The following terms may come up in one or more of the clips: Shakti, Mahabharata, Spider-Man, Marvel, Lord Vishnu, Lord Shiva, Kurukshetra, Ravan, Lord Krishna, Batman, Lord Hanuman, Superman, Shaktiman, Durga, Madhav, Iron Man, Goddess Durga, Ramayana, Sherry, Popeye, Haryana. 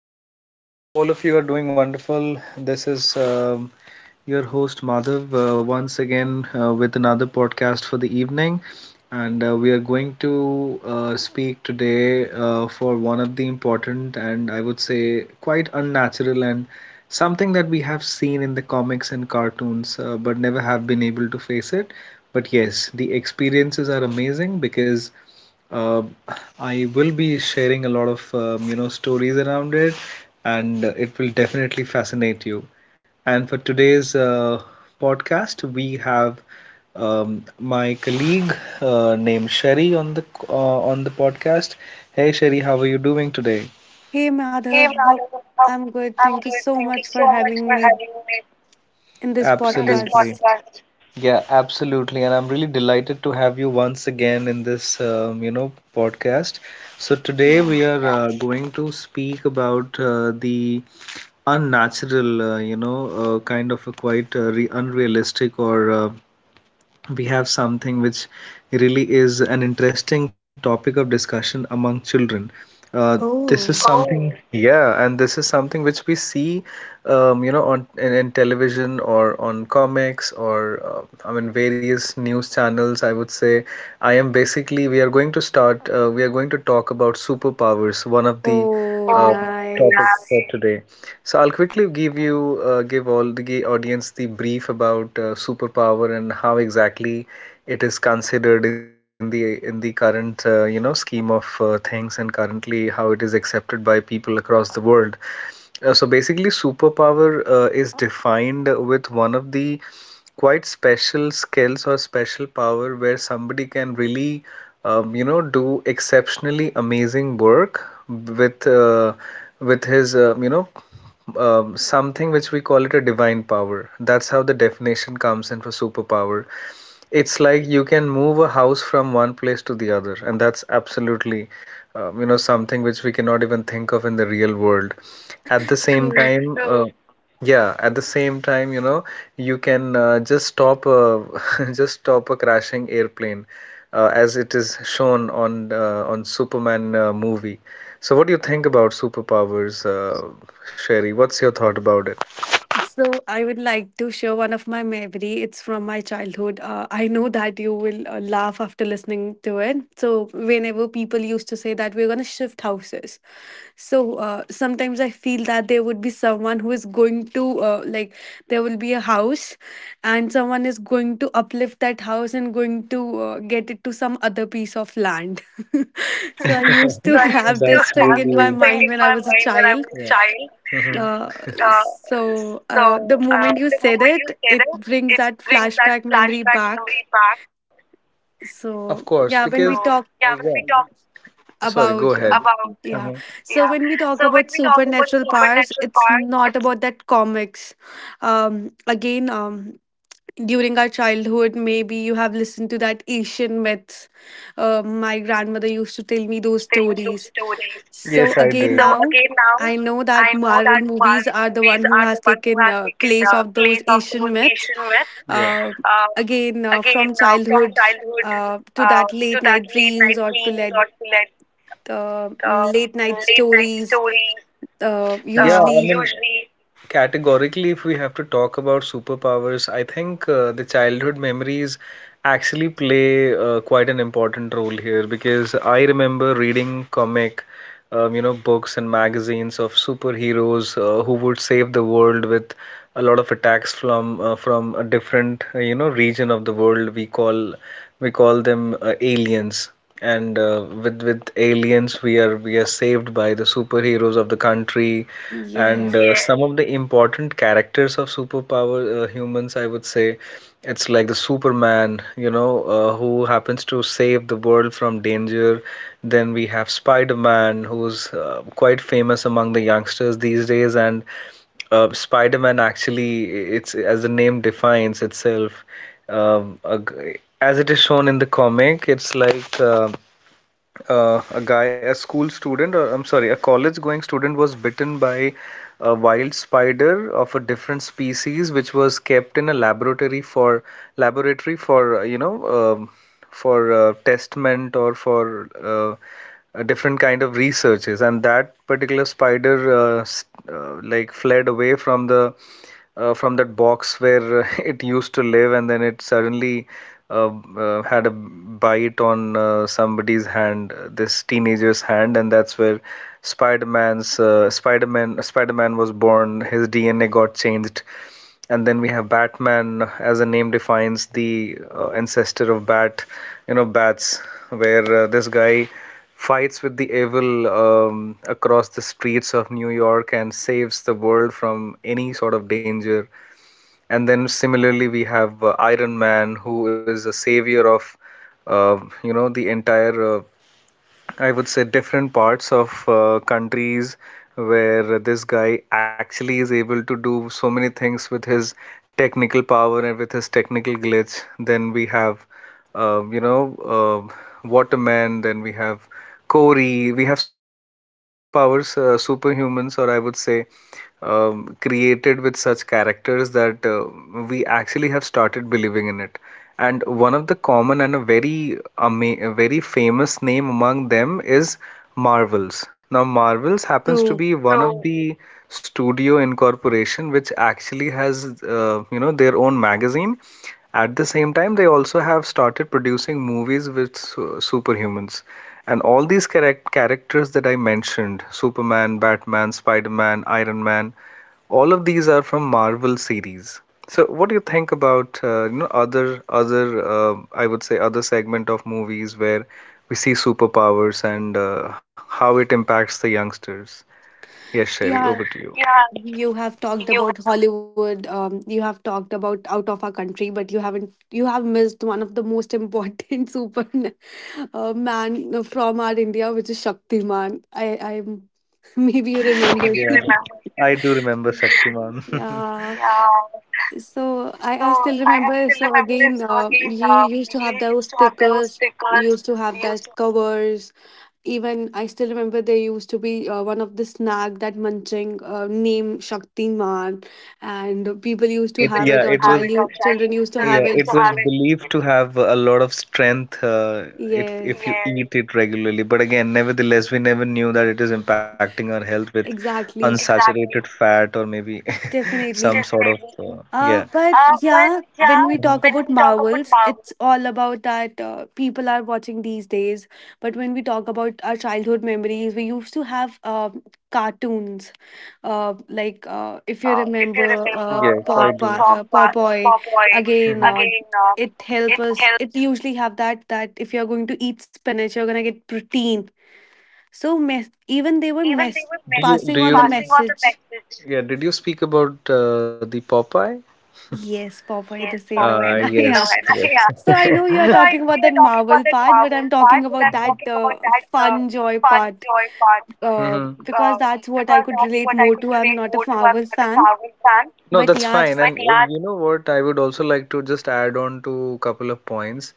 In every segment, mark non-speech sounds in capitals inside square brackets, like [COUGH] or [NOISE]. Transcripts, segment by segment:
everybody. I hope all of you are doing wonderful. This is your host Madhav, once again with another podcast for the evening. And we are going to speak today for one of the important and I would say quite unnatural and something that we have seen in the comics and cartoons, but never have been able to face it. But yes, the experiences are amazing because uh, I will be sharing a lot of you know stories around it, and it will definitely fascinate you. And for today's podcast, we have my colleague named Sherry on the podcast. Hey Sherry, how are you doing today? Hey Hey, Madhav, Madhu, how I'm I'm good. Thank you so much so for much for having having me me in this. in this Absolutely. podcast. Podcast. Yeah, absolutely. And I'm really delighted to have you once again in this, you know, podcast. So today we Yeah. are going to speak about the unnatural, you know, kind of a quite re unrealistic, or we have something which really is an interesting topic of discussion among children. Uh, this is Oh. something, oh, yeah, and this is something which we see, you know, in television or on comics or, I mean, various news channels. I would say I am basically, we are going to start. We are going to talk about superpowers, one of the Oh, oh, topics, yeah, for nice. today. So I'll quickly give you give all the audience the brief about superpower and how exactly it is considered in the current, you know, scheme of things, and currently how it is accepted by people across the world. So basically, superpower is defined with one of the quite special skills or special power where somebody can really, you know, do exceptionally amazing work with uh, with his, you know, something which we call it a divine power. That's how the definition comes in for superpower. It's like you can move a house from one place to the other, and that's absolutely, you know, something which we cannot even think of in the real world. At the same True. time, yeah, at the same time, you know, you can just stop a [LAUGHS] just stop a crashing airplane, as it is shown on Superman movie. So, what do you think about superpowers, Sherry? What's your thought about it? So I would like to share one of my memory. It's from my childhood. I know that you will laugh after listening to it. So whenever people used to say that we're gonna shift houses, sometimes I feel that there would be someone who is going to like there will be a house, and someone is going to uplift that house and going to get it to some other piece of land. [LAUGHS] So I used So to I [LAUGHS] used have to this that's thing have this in my really, thing mind in when I my was a mind when I child. was a yeah child. Mhm. Uh, Uh, so the moment you the said moment you it, say it that, brings it that brings that flashback memory flashback memory back. back. Of So course, yeah, because, so when we talk yeah, when yeah, we talk, sorry, go about ahead. About mhm, yeah, mhm. so Yeah, when we talk so when about we talk about supernatural powers, the it's past, not it's about that comics. Um again um during our childhood maybe you have listened to that Asian myths. My grandmother used to tell me like those telling those stories. stories. So Yes, I so again, did. now Again now, I know I that know that Marvel movies Marvel are the movies one who are the has one who taken has taken place the of those place of those Asian myths. Asian myths. Uh, Yeah. again Again From from childhood childhood to that to late that night late dreams night or to dreams let or to like, the uh, late night late night stories. stories. Uh, Yeah, I mean, usually, usually, categorically, if we have to talk about superpowers, I think the childhood memories actually play quite an important role here because I remember reading comic, you know, books and magazines of superheroes who would save the world with a lot of attacks from a different, you know, region of the world. We call them aliens. And with aliens, we are saved by the superheroes of the country, and yes, some of the important characters of superpower humans, I would say, it's like the Superman, you know, who happens to save the world from danger. Then we have Spider-Man, who's quite famous among the youngsters these days, and Spider-Man actually, it's as the name defines itself, um, a g- as it is shown in the comic, it's like a guy, a school student, or I'm sorry, a college going student was bitten by a wild spider of a different species, which was kept in a laboratory for you know, um, for testament or for, different kind of researches, and that particular spider, like fled away from the from that box where [LAUGHS] it used to live, and then it suddenly uh, had a bite on, somebody's hand, this teenager's hand, and that's where spider-man was born. His DNA got changed, and then we have batman. As the name defines, the ancestor of bat, you know, bats, where this guy fights with the evil across the streets of New York and saves the world from any sort of danger. And then similarly, we have Iron Man, who is a savior of, uh, you know, the entire I would say different parts of countries, where this guy actually is able to do so many things with his technical power and with his technical glitch. Then we have, you know, Waterman. Then we have Corey. We have so many superpowers, superhumans, or I would say created with such characters that we actually have started believing in it. And one of the common and a very a very famous name among them is Marvels. Now, Marvels happens to true. be one of, oh, the studio incorporation which actually has, you know, their own magazine. At the same time, they also have started producing movies with superhumans. And all these correct characters that I mentioned, Superman, Batman, Spider-Man, Iron Man, all of these are from Marvel series. So what do you think about you know, other other I would say other segment of movies where we see superpowers and how it impacts the youngsters? Yes, Sherry, Yeah, over to you. Yeah, you have talked you about Hollywood. You have talked about out of our country, but you haven't. You have missed one of the most important [LAUGHS] super man from our India, which is Shaktiman. I, [LAUGHS] maybe you [LAUGHS] you, remember. yeah, [LAUGHS] remember. I do remember Shaktiman. [LAUGHS] Yeah. Yeah, So so I still I remember. still So remember. again, So again, you used we to have those used to have those stickers, stickers. used to have We used that to, covers. Even I still remember there used to be one of the snack that munching name Shakti, and people and used to it people, have yeah, it, or used to it have was it or child children used to children have yeah, used it. it to was have it, believed to have a lot of strength, if Yes, you, yes, eat it regularly. But again, nevertheless, we never knew that it is impacting our health with, [LAUGHS] exactly, exactly, unsaturated fat or maybe [LAUGHS] some definitely. sort of, definitely, yeah. But But yeah, when yeah, we mhm, talk when about we talk about Marvels, Marvel. it's all about that people are watching these days. But when we talk about our childhood memories, we used to have cartoons, like Like if you if you remember remember, yes, I do, Popeye, Popeye, Popeye, hmm, again. Again, It help it us, it usually have that that if you're going to eat spinach you're gonna get protein, so mess even they were helps. mess Do you, do passing you on the passing on the message. message. Yeah? Did you speak about the Popeye? Yes, Yes, Popeye the Popeye, sailor the man. [LAUGHS] sailor, yes, Yeah. man. [LAUGHS] Yes. So I know you Yeah. are So [LAUGHS] I talking know about that you're talking Marvel about that part, but I'm Marvel talking part, but about I'm that talking about that fun joy fun part joy part. Hmm. uh, because that's what I because could that's relate what I more go to. I'm not a to. I'm Marvel not a fan, Marvel fan, no, but that's yeah, fine, but, I've- and yeah, you know what? I would also like to just add on to a couple of points.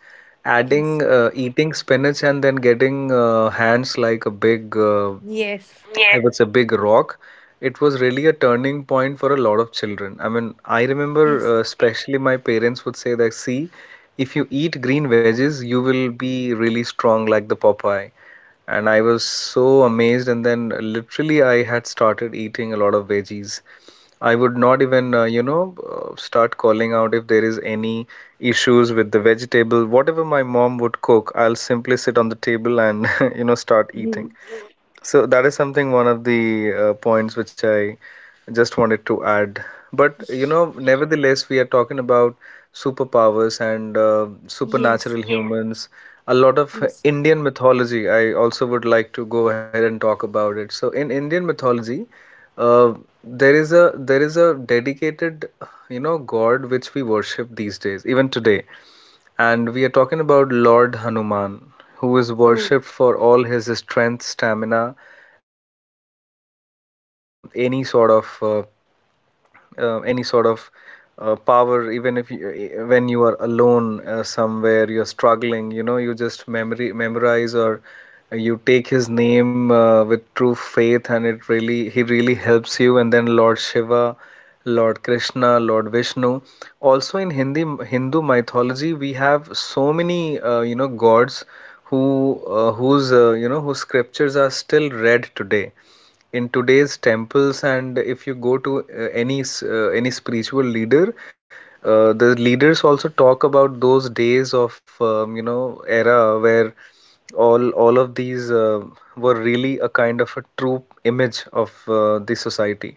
Adding yes, eating spinach and then getting hands like a big, yes, I, yes, would say Big Rock. It was really a turning point for a lot of children. I mean, I remember yes, especially my parents would say that, see, if you eat green veggies, you will be really strong like the Popeye. And I was so amazed, and then literally I had started eating a lot of veggies. I would not even, you know, start calling out if there is any issues with the vegetable. Whatever my mom would cook, I'll simply sit on the table and, [LAUGHS] you know, start eating. mhm, So that is something, one of the points which I just wanted to add. But you know, nevertheless, we are talking about superpowers and yes, supernatural humans. A lot of yes, Indian mythology, I also would like to go ahead and talk about it. So in Indian mythology, uh, there is a dedicated, god which we worship these days, even today, and we are talking about Lord Hanuman, who is true, worshipped for all his strength, stamina, and of course, giving you any sort of uh, any sort of power. Even if you, when you are alone somewhere you're struggling, you just memory memorize or you take his name with true faith, and it really he really helps you. And then Lord Shiva, Lord Krishna, Lord Vishnu. Also, in Hindi Hindu mythology, we have so many gods who whose whose scriptures are still read today in today's temples. And if you go to any spiritual leader, the leaders also talk about those days of era where all of these were really a kind of a true image of the society.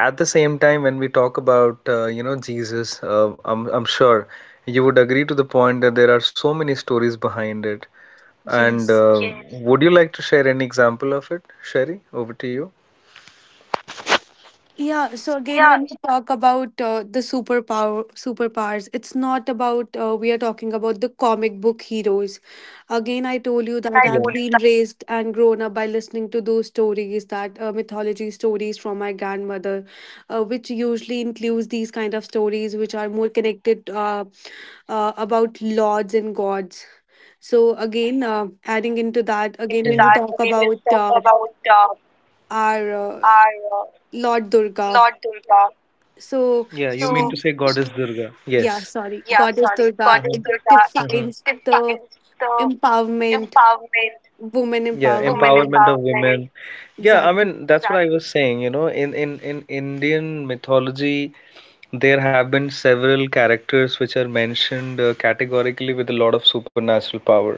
At the same time, when we talk about Jesus, I'm sure you would agree to the point that there are so many stories behind it. And yes. Yes, would you like to share any example of it, Sherry? Over to you. Yeah, so again, Yeah, when we talk about the superpowers, it's not about we are talking about the comic book heroes. Again, I told you again, that I. Yeah, I've told you. been raised and grown up by listening to those stories, that mythology stories from my grandmother, which usually includes these kind of stories which are more connected about lords and gods. So again, adding uh, into that, Adding again into. Mm. when we That talk to about talk about our our Lord Durga. Lord Durga. So Yeah, you mean. So, to. So, she, say Goddess Durga? yeah, Yes. sorry, Yeah, Goddess sorry, Durga, Goddess. it Mm-hmm. Durga. It. Mm-hmm. defines the Defines the empowerment, empowerment. woman Yeah, women empowerment. empowerment of empowerment. Women. Yeah, I Exactly. mean that's what I. Exactly. Was saying, in Indian mythology, there have been several characters which are mentioned categorically with a lot of supernatural power.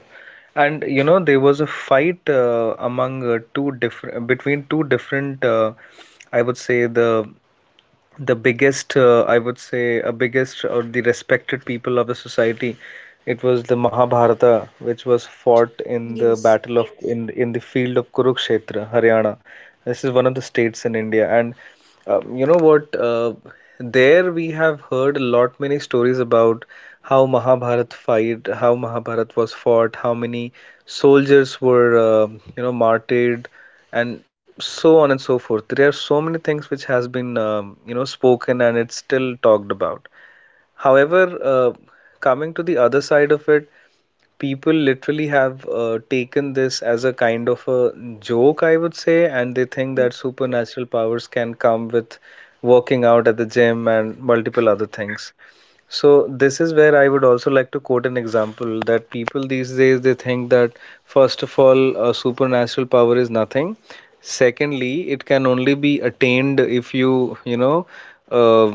And there was a fight among two different between two different, I would say, the biggest, I would say, a biggest or the respected people of the society. It was the Mahabharata, which was fought in the Yes. battle of in the field of Kurukshetra, Haryana. This is one of the states in India. And you know what there we have heard a lot many stories about how Mahabharat was fought, how many soldiers were martyred, and so on and so forth. There are so many things which has been spoken, and it's still talked about. However, uh, coming to the other side of it, people literally have taken this as a kind of a joke, I would say, and they think that Yes. supernatural powers can come with working out at the gym and multiple other things. So this is where I would also like to quote an example, that people these days, they think that first of all, a supernatural power is nothing. Secondly, it can only be attained if you, uh,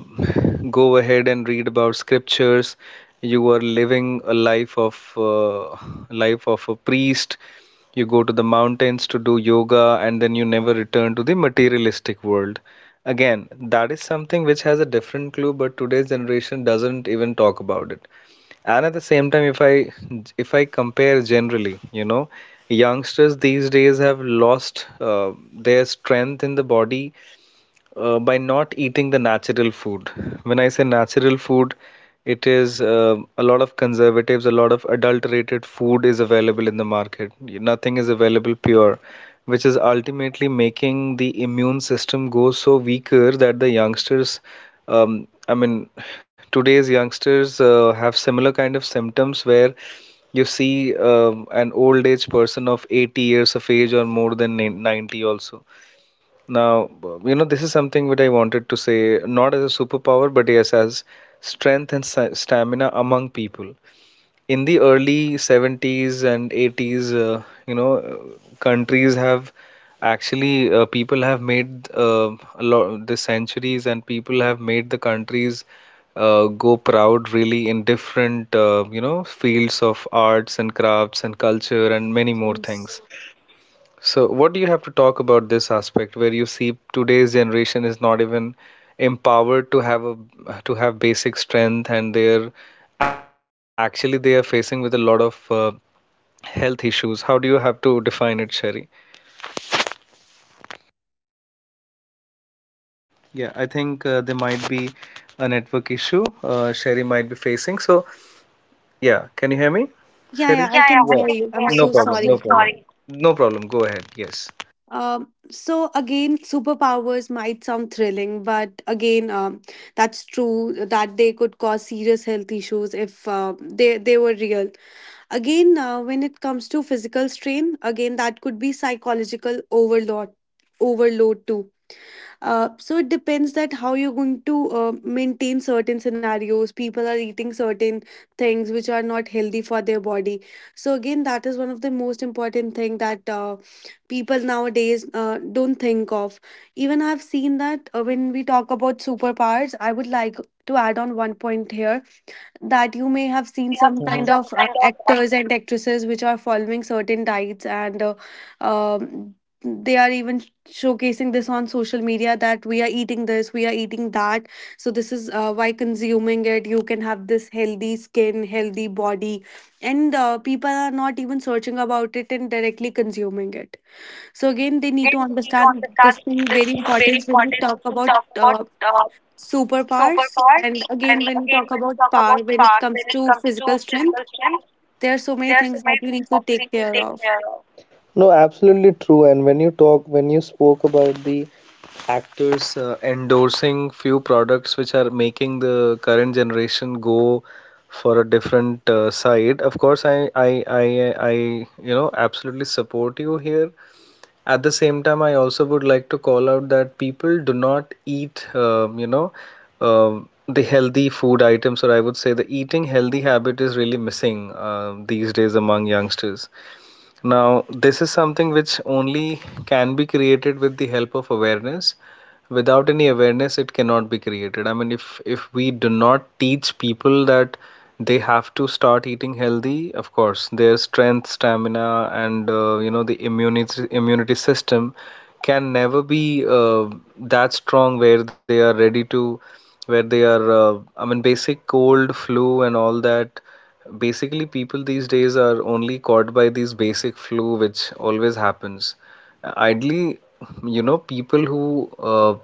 go ahead and read about scriptures. You are living a life of a priest. You go to the mountains to do yoga, and then you never return to the materialistic world. Again, that is something which has a different clue, but today's generation doesn't even talk about it. And at the same time, if I compare, generally, youngsters these days have lost their strength in the body by not eating the natural food. When I say natural food, it is a lot of conservatives, a lot of adulterated food is available in the market. Nothing is available pure, which is ultimately making the immune system go so weaker that the youngsters, I mean, today's youngsters have similar kind of symptoms where you see an old age person of 80 years of age, or more than 90 also. Now, this is something which I wanted to say, not as a superpower, but yes, as strength and stamina among people. In the early 70s and 80s, countries have people have made a lot, the centuries, and people have made the countries go proud really in different, fields of arts and crafts and culture and many more Yes. things. So, what do you have to talk about this aspect where you see today's generation is not even empowered to have basic strength, and they are facing with a lot of health issues. How do you have to define it, Sherry? Yeah, I think there might be a network issue, Sherry might be facing. So, yeah, can you hear me, Yeah, yeah, Sherry? I Yeah, yeah, can I. Yeah, hear can you. I'm hear you. No you. I'm so problem, so no sorry. problem. Sorry. No problem. Go ahead. Yes. So again, superpowers might sound thrilling, but again, that's true that they could cause serious health issues if they were real. Again, when it comes to physical strain, again, that could be psychological overload too. So it depends that how you're going to maintain certain scenarios. People are eating certain things which are not healthy for their body. So again, that is one of the most important thing that people nowadays don't think of. Even I've seen that when we talk about superpowers, I would like to add on one point here, that you may have You may seen have some seen. Mhm. kind Some of kind of. actors and actresses which are following certain diets and um, they are even showcasing this on social media that we are eating this, we are eating that. So this is why consuming it you can have this healthy skin, healthy body, and people are not even searching about it and directly consuming it. So again, they So need to again, we need to understand understand this thing this very thing is very important when we important talk to about talk about uh, superpowers. superpower, And and again, when we again talk when we about talk power, about when it power to comes to physical strength, question, there are so many there are so things that many you need to take care things of. there. No, absolutely true. And when you talk, when you spoke about the actors endorsing few products which are making the current generation go for a different side, of course, I, absolutely support you here. At the same time, I also would like to call out that people do not eat, the healthy food items, or I would say the eating healthy habit is really missing, these days among youngsters. Now, this is something which only can be created with the help of awareness. Without any awareness, it cannot be created. I mean, if we do not teach people that they have to start eating healthy, of course, their strength, stamina, and the immunity system can never be that strong where they are ready to, where they are, I mean, basic cold, flu, and all that. Basically, people these days are only caught by these basic flu, which always happens. Idly, people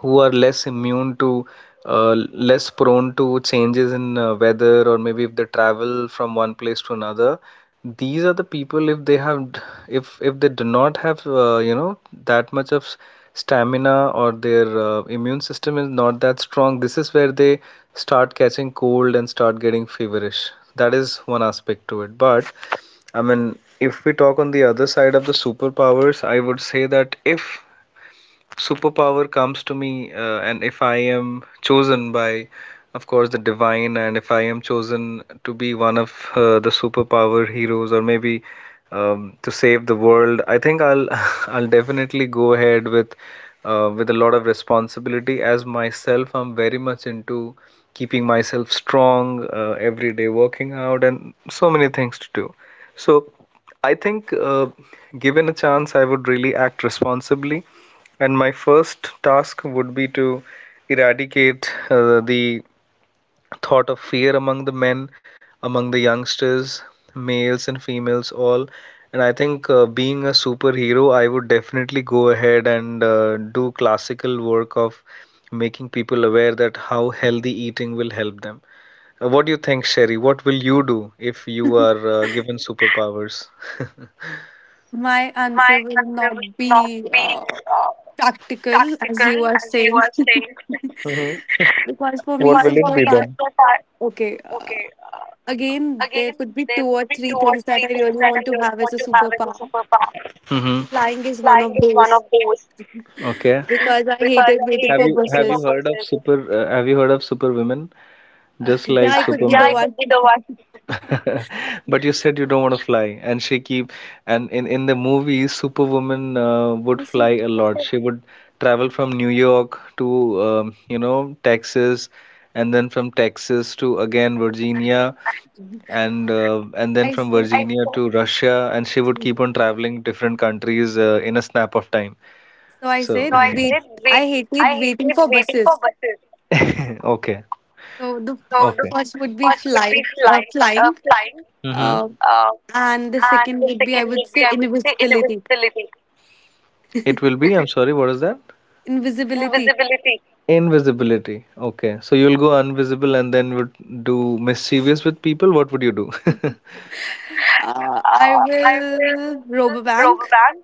who are less immune to, uh, less prone to changes in weather, or maybe if they travel from one place to another, these are the people, if they have, if they do not have that much of stamina, or their immune system is not that strong, this is where they start catching cold and start getting feverish. That is one aspect to it, but I mean, if we talk on the other side of the superpowers, I would say that if superpower comes to me, and if I am chosen by, of course, the divine, and if I am chosen to be one of the superpower heroes, or maybe to save the world, I think I'll [LAUGHS] I'll definitely go ahead with a lot of responsibility. As myself, I'm very much into keeping myself strong, every day working out and so many things to do. So I think, given a chance, I would really act responsibly, and my first task would be to eradicate the thought of fear among the men, among the youngsters, males and females, all. And I think, being a superhero, I would definitely go ahead and do classical work of making people aware that how healthy eating will help them. What do you think, Sherry? What will you do if you [LAUGHS] are given superpowers? My My answer will answer will not not be be uh, practical, as you practical, are as you saying. are [LAUGHS] saying. Hmm. Because for So. me, What one will it for be me is superpower. then? The part. Okay, Okay, uh, again, there could be there two could or be three two or things that three I really that I want to have as a used to have in superpower. past. Hmm. Flying is one Flash of is one those of those. Okay. [LAUGHS] because I Because hated I. Have waiting hated for you building. Have for you buses. heard of performances. Super. Have you heard of Superwomen? Just like [LAUGHS] Yeah, yeah, I I. could be the Superman. Could one. be the one. [LAUGHS] But you [LAUGHS] said you don't want to fly, and she keep, and in the movies, Superwoman would I fly said. a lot. She would travel from New York to Texas, and then from Texas to again Virginia, and then I from I said, Virginia to Russia, and she would so keep on traveling different countries in a snap of time. I So no, said, I [LAUGHS] wait, hated wait. I hated I waiting hated for waiting buses. for [LAUGHS] bus. Okay, So the so the. Okay. first would be First would be flight, flying, uh, flying, flying, mm-hmm. uh, uh, and the and second would be, I second would would be, say, I would say, invisibility. invisibility. It will be, I'm sorry, what is that? Invisibility. Invisibility. Invisibility. Okay. So you'll go invisible and then would do mischievous with people. What would you do? [LAUGHS] [LAUGHS] I Uh, I will will rob a rob a bank. bank.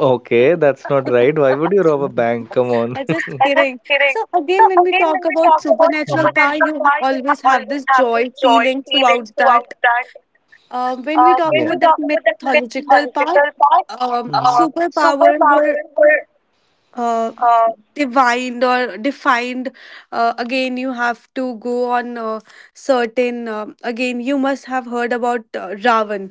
[LAUGHS] Okay, that's not right. [LAUGHS] Why would you rob a bank? Come on. [LAUGHS] I'm just I'm just kidding. kidding. So So again, when we again, when we talk talk about about. Mhm. supernatural Supernatural power, you power, you always always have have this this joy joy feeling feeling throughout throughout that. that. When. When Yeah. we We talk talk about about that the mythological mythological part, part, Mhm. superpower Superpowers were were uh, uh, divined or defined. Again, you have to go on certain. Again, you must have heard about Ravan.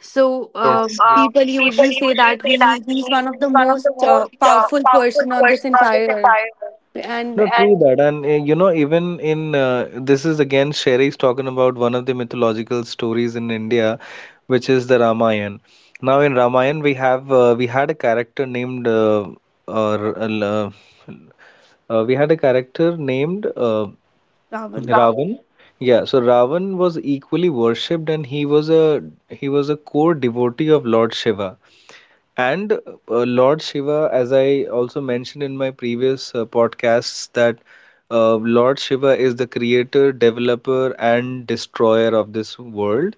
So so. Yes, people yes. People usually say usually that say that he's one of he is the one of most the most powerful powerful person on this person on this entire earth, entire. No, and and true that. And even in, this is again Sherry's talking about one of the mythological stories in India, which is the Ramayana. Now in Ramayana, we had a character named or we had a character named Ravan, Ravan. Ravan. Yeah, so Ravan was equally worshipped, and he was a core devotee of Lord Shiva. And Lord Shiva, as I also mentioned in my previous podcasts, that Lord Shiva is the creator, developer, and destroyer of this world.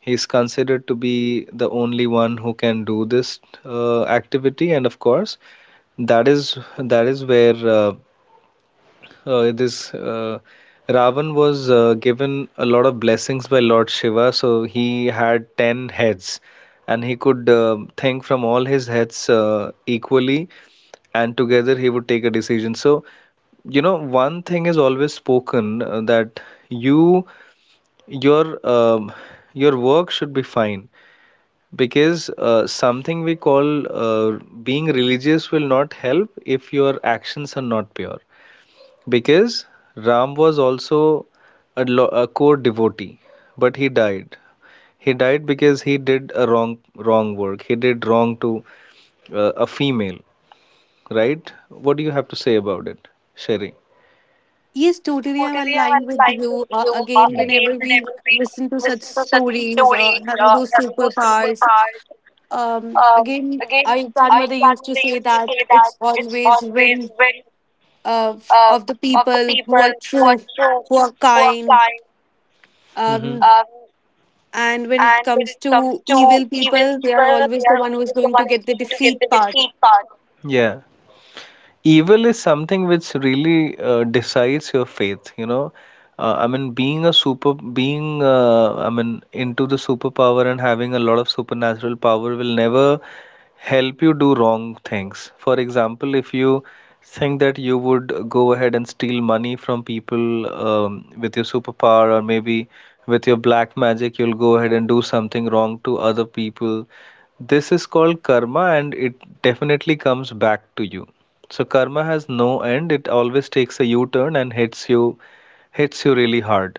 He is considered to be the only one who can do this activity, and of course, that is where this Ravan was given a lot of blessings by Lord Shiva, so he had 10 heads and he could think from all his heads equally, and together he would take a decision. So, one thing is always spoken that you your um, your work should be fine, because something we call being religious will not help if your actions are not pure, because Ram was also a core devotee, but he died. He died because he did a wrong work. He did wrong to a female, right? What do you have to say about it, Sherry? Yes, totally. I'm Totally, aligned I'm with aligned you. with you. Again, Yeah. whenever Again, we whenever we listen to such listen to such stories, stories having those and those simple superpowers, parts. Um, again, Again, I I grandmother used remember to they say used to that say that it's it's always always win when of uh, the of the people who people are who true, are true, who are who are kind. kind. Mm-hmm. Um, and when it And when comes it comes to to evil evil people, they are people, they always are the one who always is the going one to who's get the going to get the defeat part. defeat part. Yeah. Evil is something which really decides your faith. I mean being a super being into the superpower, and having a lot of supernatural power will never help you do wrong things. For example, if you think that you would go ahead and steal money from people with your superpower, or maybe with your black magic you'll go ahead and do something wrong to other people, this is called karma, and it definitely comes back to you. So karma has no end. It always takes a U-turn and hits you really hard.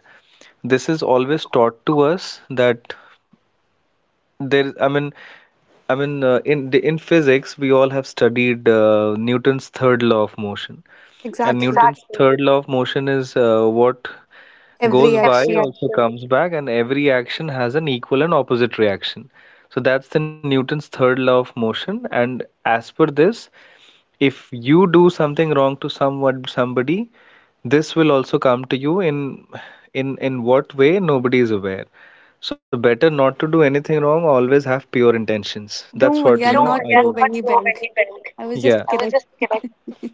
This is always taught to us that there I mean in physics we all have studied Newton's third law of motion. And Exactly. Newton's Exactly. third law of motion is what Every goes by Every action. also action. Comes back, and every action has an equal and opposite reaction. So that's the Newton's third law of motion, and as per this, if you do something wrong to someone, somebody, this will also come to you in in what way nobody is aware. So better not to do anything wrong. Always have pure intentions. That's Don't what worry, you I'll No, know not I they would rob not. any So bank. I was just yeah, I was kidding. just kidding. [LAUGHS]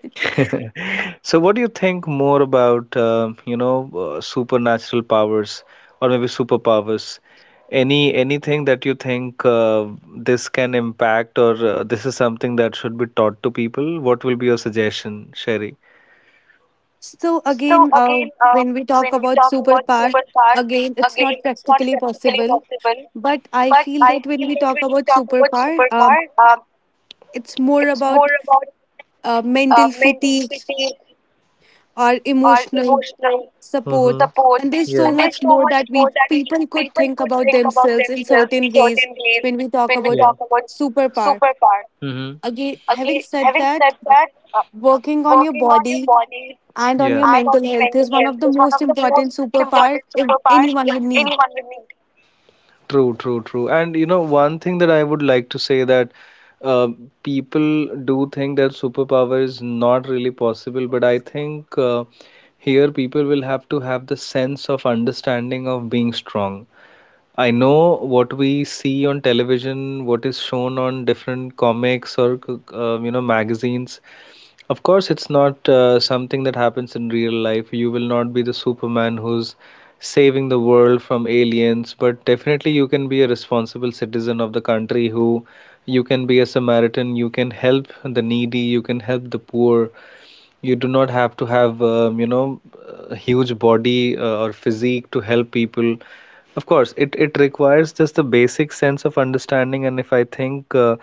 So, what do you think more about, supernatural powers or maybe superpowers? Anything that you think this can impact, or this is something that should be taught to people? What will be your suggestion, Sherry? So So again, again, when we we talk about talk about superpower, superpowers. again, it's not Again, it's not practically practically possible. possible, But I but feel I that when feel we that talk when we about talk about superpower, superpower, it's more it's more about about uh, mental fatigue mentality or or emotional emotional Mm-hmm. support, support. and there's Yeah. so And there's much so more much that more we that we people could think about think about themselves in themselves certain in ways certain ways when we talk when we Yeah. about talk about superpower. superpower. Mm-hmm. Again, having Again, said having that, said that, working on your working on your body body, and on your Yeah. and on mental your health mental is one of the health, is one most of the most important superpower important if superpowers anyone if would need. anyone will need. True, true, true. And you know, one thing that I would like to say that uh, people do think that superpower is not really possible, but I think here people will have to have the sense of understanding of being strong. I know what we see on television, what is shown on different comics or magazines. Of course, it's not something that happens in real life. You will not be the Superman who's saving the world from aliens, but definitely you can be a responsible citizen of the country, who you can be a Samaritan, you can help the needy, you can help the poor. You do not have to have a huge body or physique to help people. Of course, it requires just the basic sense of understanding, and if I think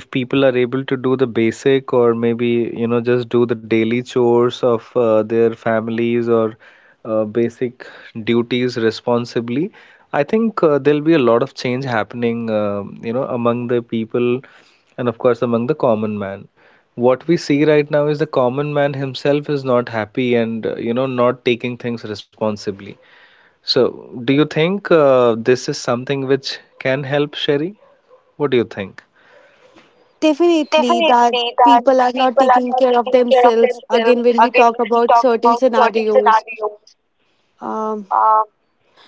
if people are able to do the basic, or maybe just do the daily chores of their families, or basic duties responsibly, I think there'll be a lot of change happening among the people, and of course among the common man. What we see right now is the common man himself is not happy and, not taking things responsibly. So, do you think this is something which can help, Sherry? What do you think? Definitely, that Definitely, that people are not people are taking not care of taking care of themselves. themselves. Again, when we Again, talk we about talk certain about certain scenarios, scenarios. um, Um,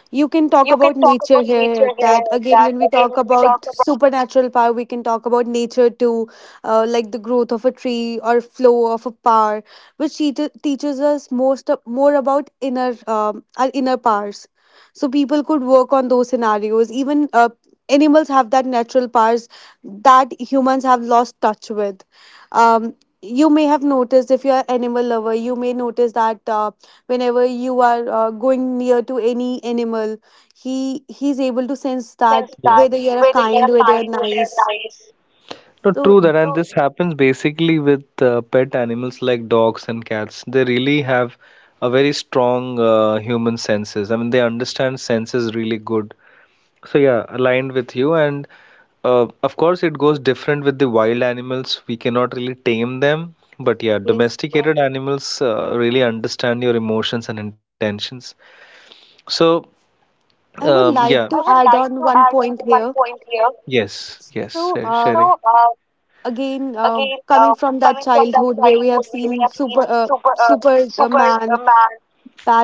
you can talk you can about talk nature about nature here. That here. again, That when we again, talk when we talk about about, supernatural power, we can talk about nature too, like the growth of a tree or flow of a power, which teaches us more about inner our inner powers. So people could work on those scenarios. Even animals have that natural powers that humans have lost touch with. Um, you may have noticed if you're an animal lover, you may notice that. Whenever you are going near to any animal, he's able to he's able sense to sense that Yeah. whether that you're whether you kind, are whether you're kind or nice. nice. Not So true that, and this happens basically with pet animals like dogs and cats. They really have a very strong human senses. I mean, they understand senses really good. So yeah, aligned with you. And of course, it goes different with the wild animals. We cannot really tame them, but yeah, yes, domesticated animals really understand your emotions and intentions. So I would yeah, I like would to like add to on add one on point one here. point here. Yes, yes, Sherry. So So, Sherry, again again, Coming from that coming from that childhood where we have childhood where we seen have seen Superman, Superman,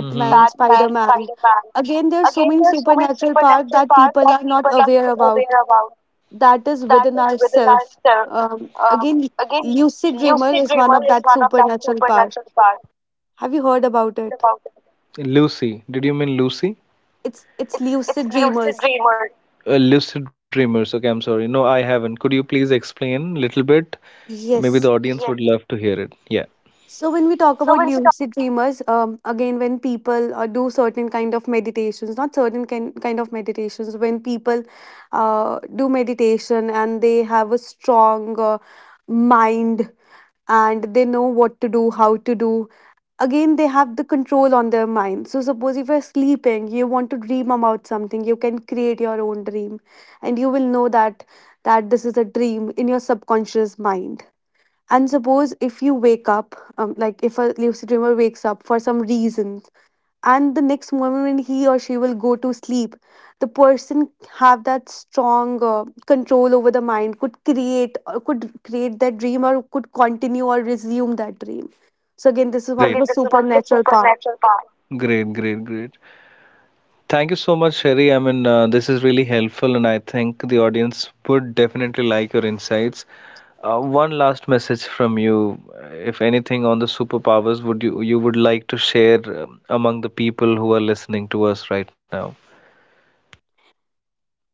Batman, Spider-Man, Spider Man. again there are so Again, many there's so many supernatural parts supernatural that powers people that are not people are aware not about, aware about. that is That within is within ourselves. ourselves. Um, Again, Again, lucid dreamer lucid is one dreamer of is that one of that supernatural power. part. Have you heard We about heard it? about it. Lucy. Did you mean Lucy? It's It's lucid it's dreamers. lucid dreamer. Lucid dreamers. Okay, I'm sorry. No, I haven't. Could you please explain a little bit? Maybe Yes. the audience Yes. would love to hear it. Yeah. So when we talk about So when we lucid dreamers, again when people do certain kind of meditations, not certain kind of meditations, when people do meditation and they have a strong mind and they know what to do, how to do, again they have the control on their mind. So suppose if you're sleeping, you want to dream about something, you can create your own dream, and you will know that this is a dream in your subconscious mind. And suppose if you wake up, like if a lucid dreamer wakes up for some reason and the next moment he or she will go to sleep, the person have that strong control over the mind could create that dream or could continue or resume that dream. So again, this Look is one Great. of At the the supernatural power. supernatural part. Great, great, great. Thank you so much, Sherry. I mean, this is really helpful, and I think the audience would definitely like your insights. One last message from you, if anything, on the superpowers, would you would like to share among the people who are listening to us right now?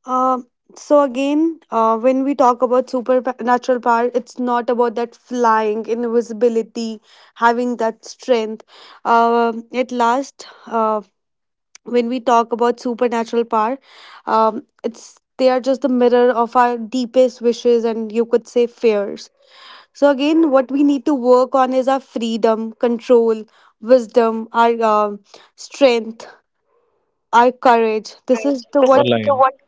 Uh, so again When we talk about supernatural power, it's not about that flying, invisibility, having that strength. At last, when we talk about supernatural power, it's they are just the mirror of our deepest wishes and, you could say, fears. So again, what we need to work on is our freedom, control, wisdom, our strength, our Correct. courage. This is This The is the Online. What what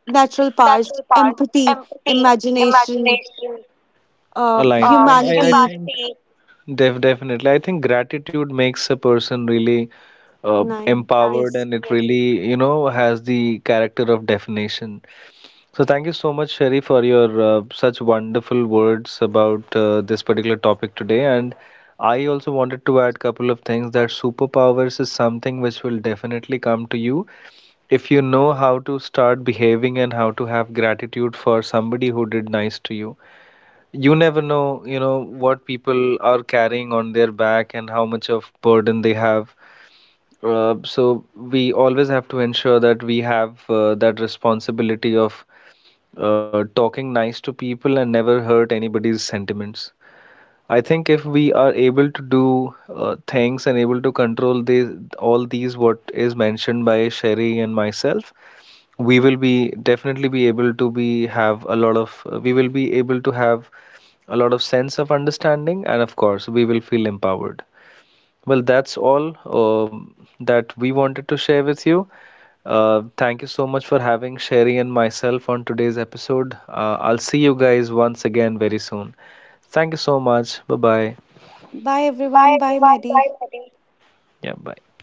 natural natural part, powers, empathy, empathy, imagination, imagination, aligned. And I humanity, think empathy. Definitely I think gratitude makes a person really uh, nine, empowered, yes. and it Yes. really has the character of definition. So thank you so much, Sherry, for your such wonderful words about this particular topic today. And I also wanted to add couple of things, that superpowers is something which will definitely come to you if you know how to start behaving and how to have gratitude for somebody who did nice to you. You never know, what people are carrying on their back and how much of burden they have. So we always have to ensure that we have that responsibility of talking nice to people and never hurt anybody's sentiments. I think if we are able to do things and able to control these all these what is mentioned by Sherry and myself, we will be definitely be able to be have a lot of, we will be able to have a lot of sense of understanding, and of course, we will feel empowered. Well, that's all that we wanted to share with you. Thank you so much for having Sherry and myself on today's episode. I'll see you guys once again very soon. Thank you so much. Bye bye. Bye everyone, Bye bye everyone. Maddie. Bye. Yeah, bye.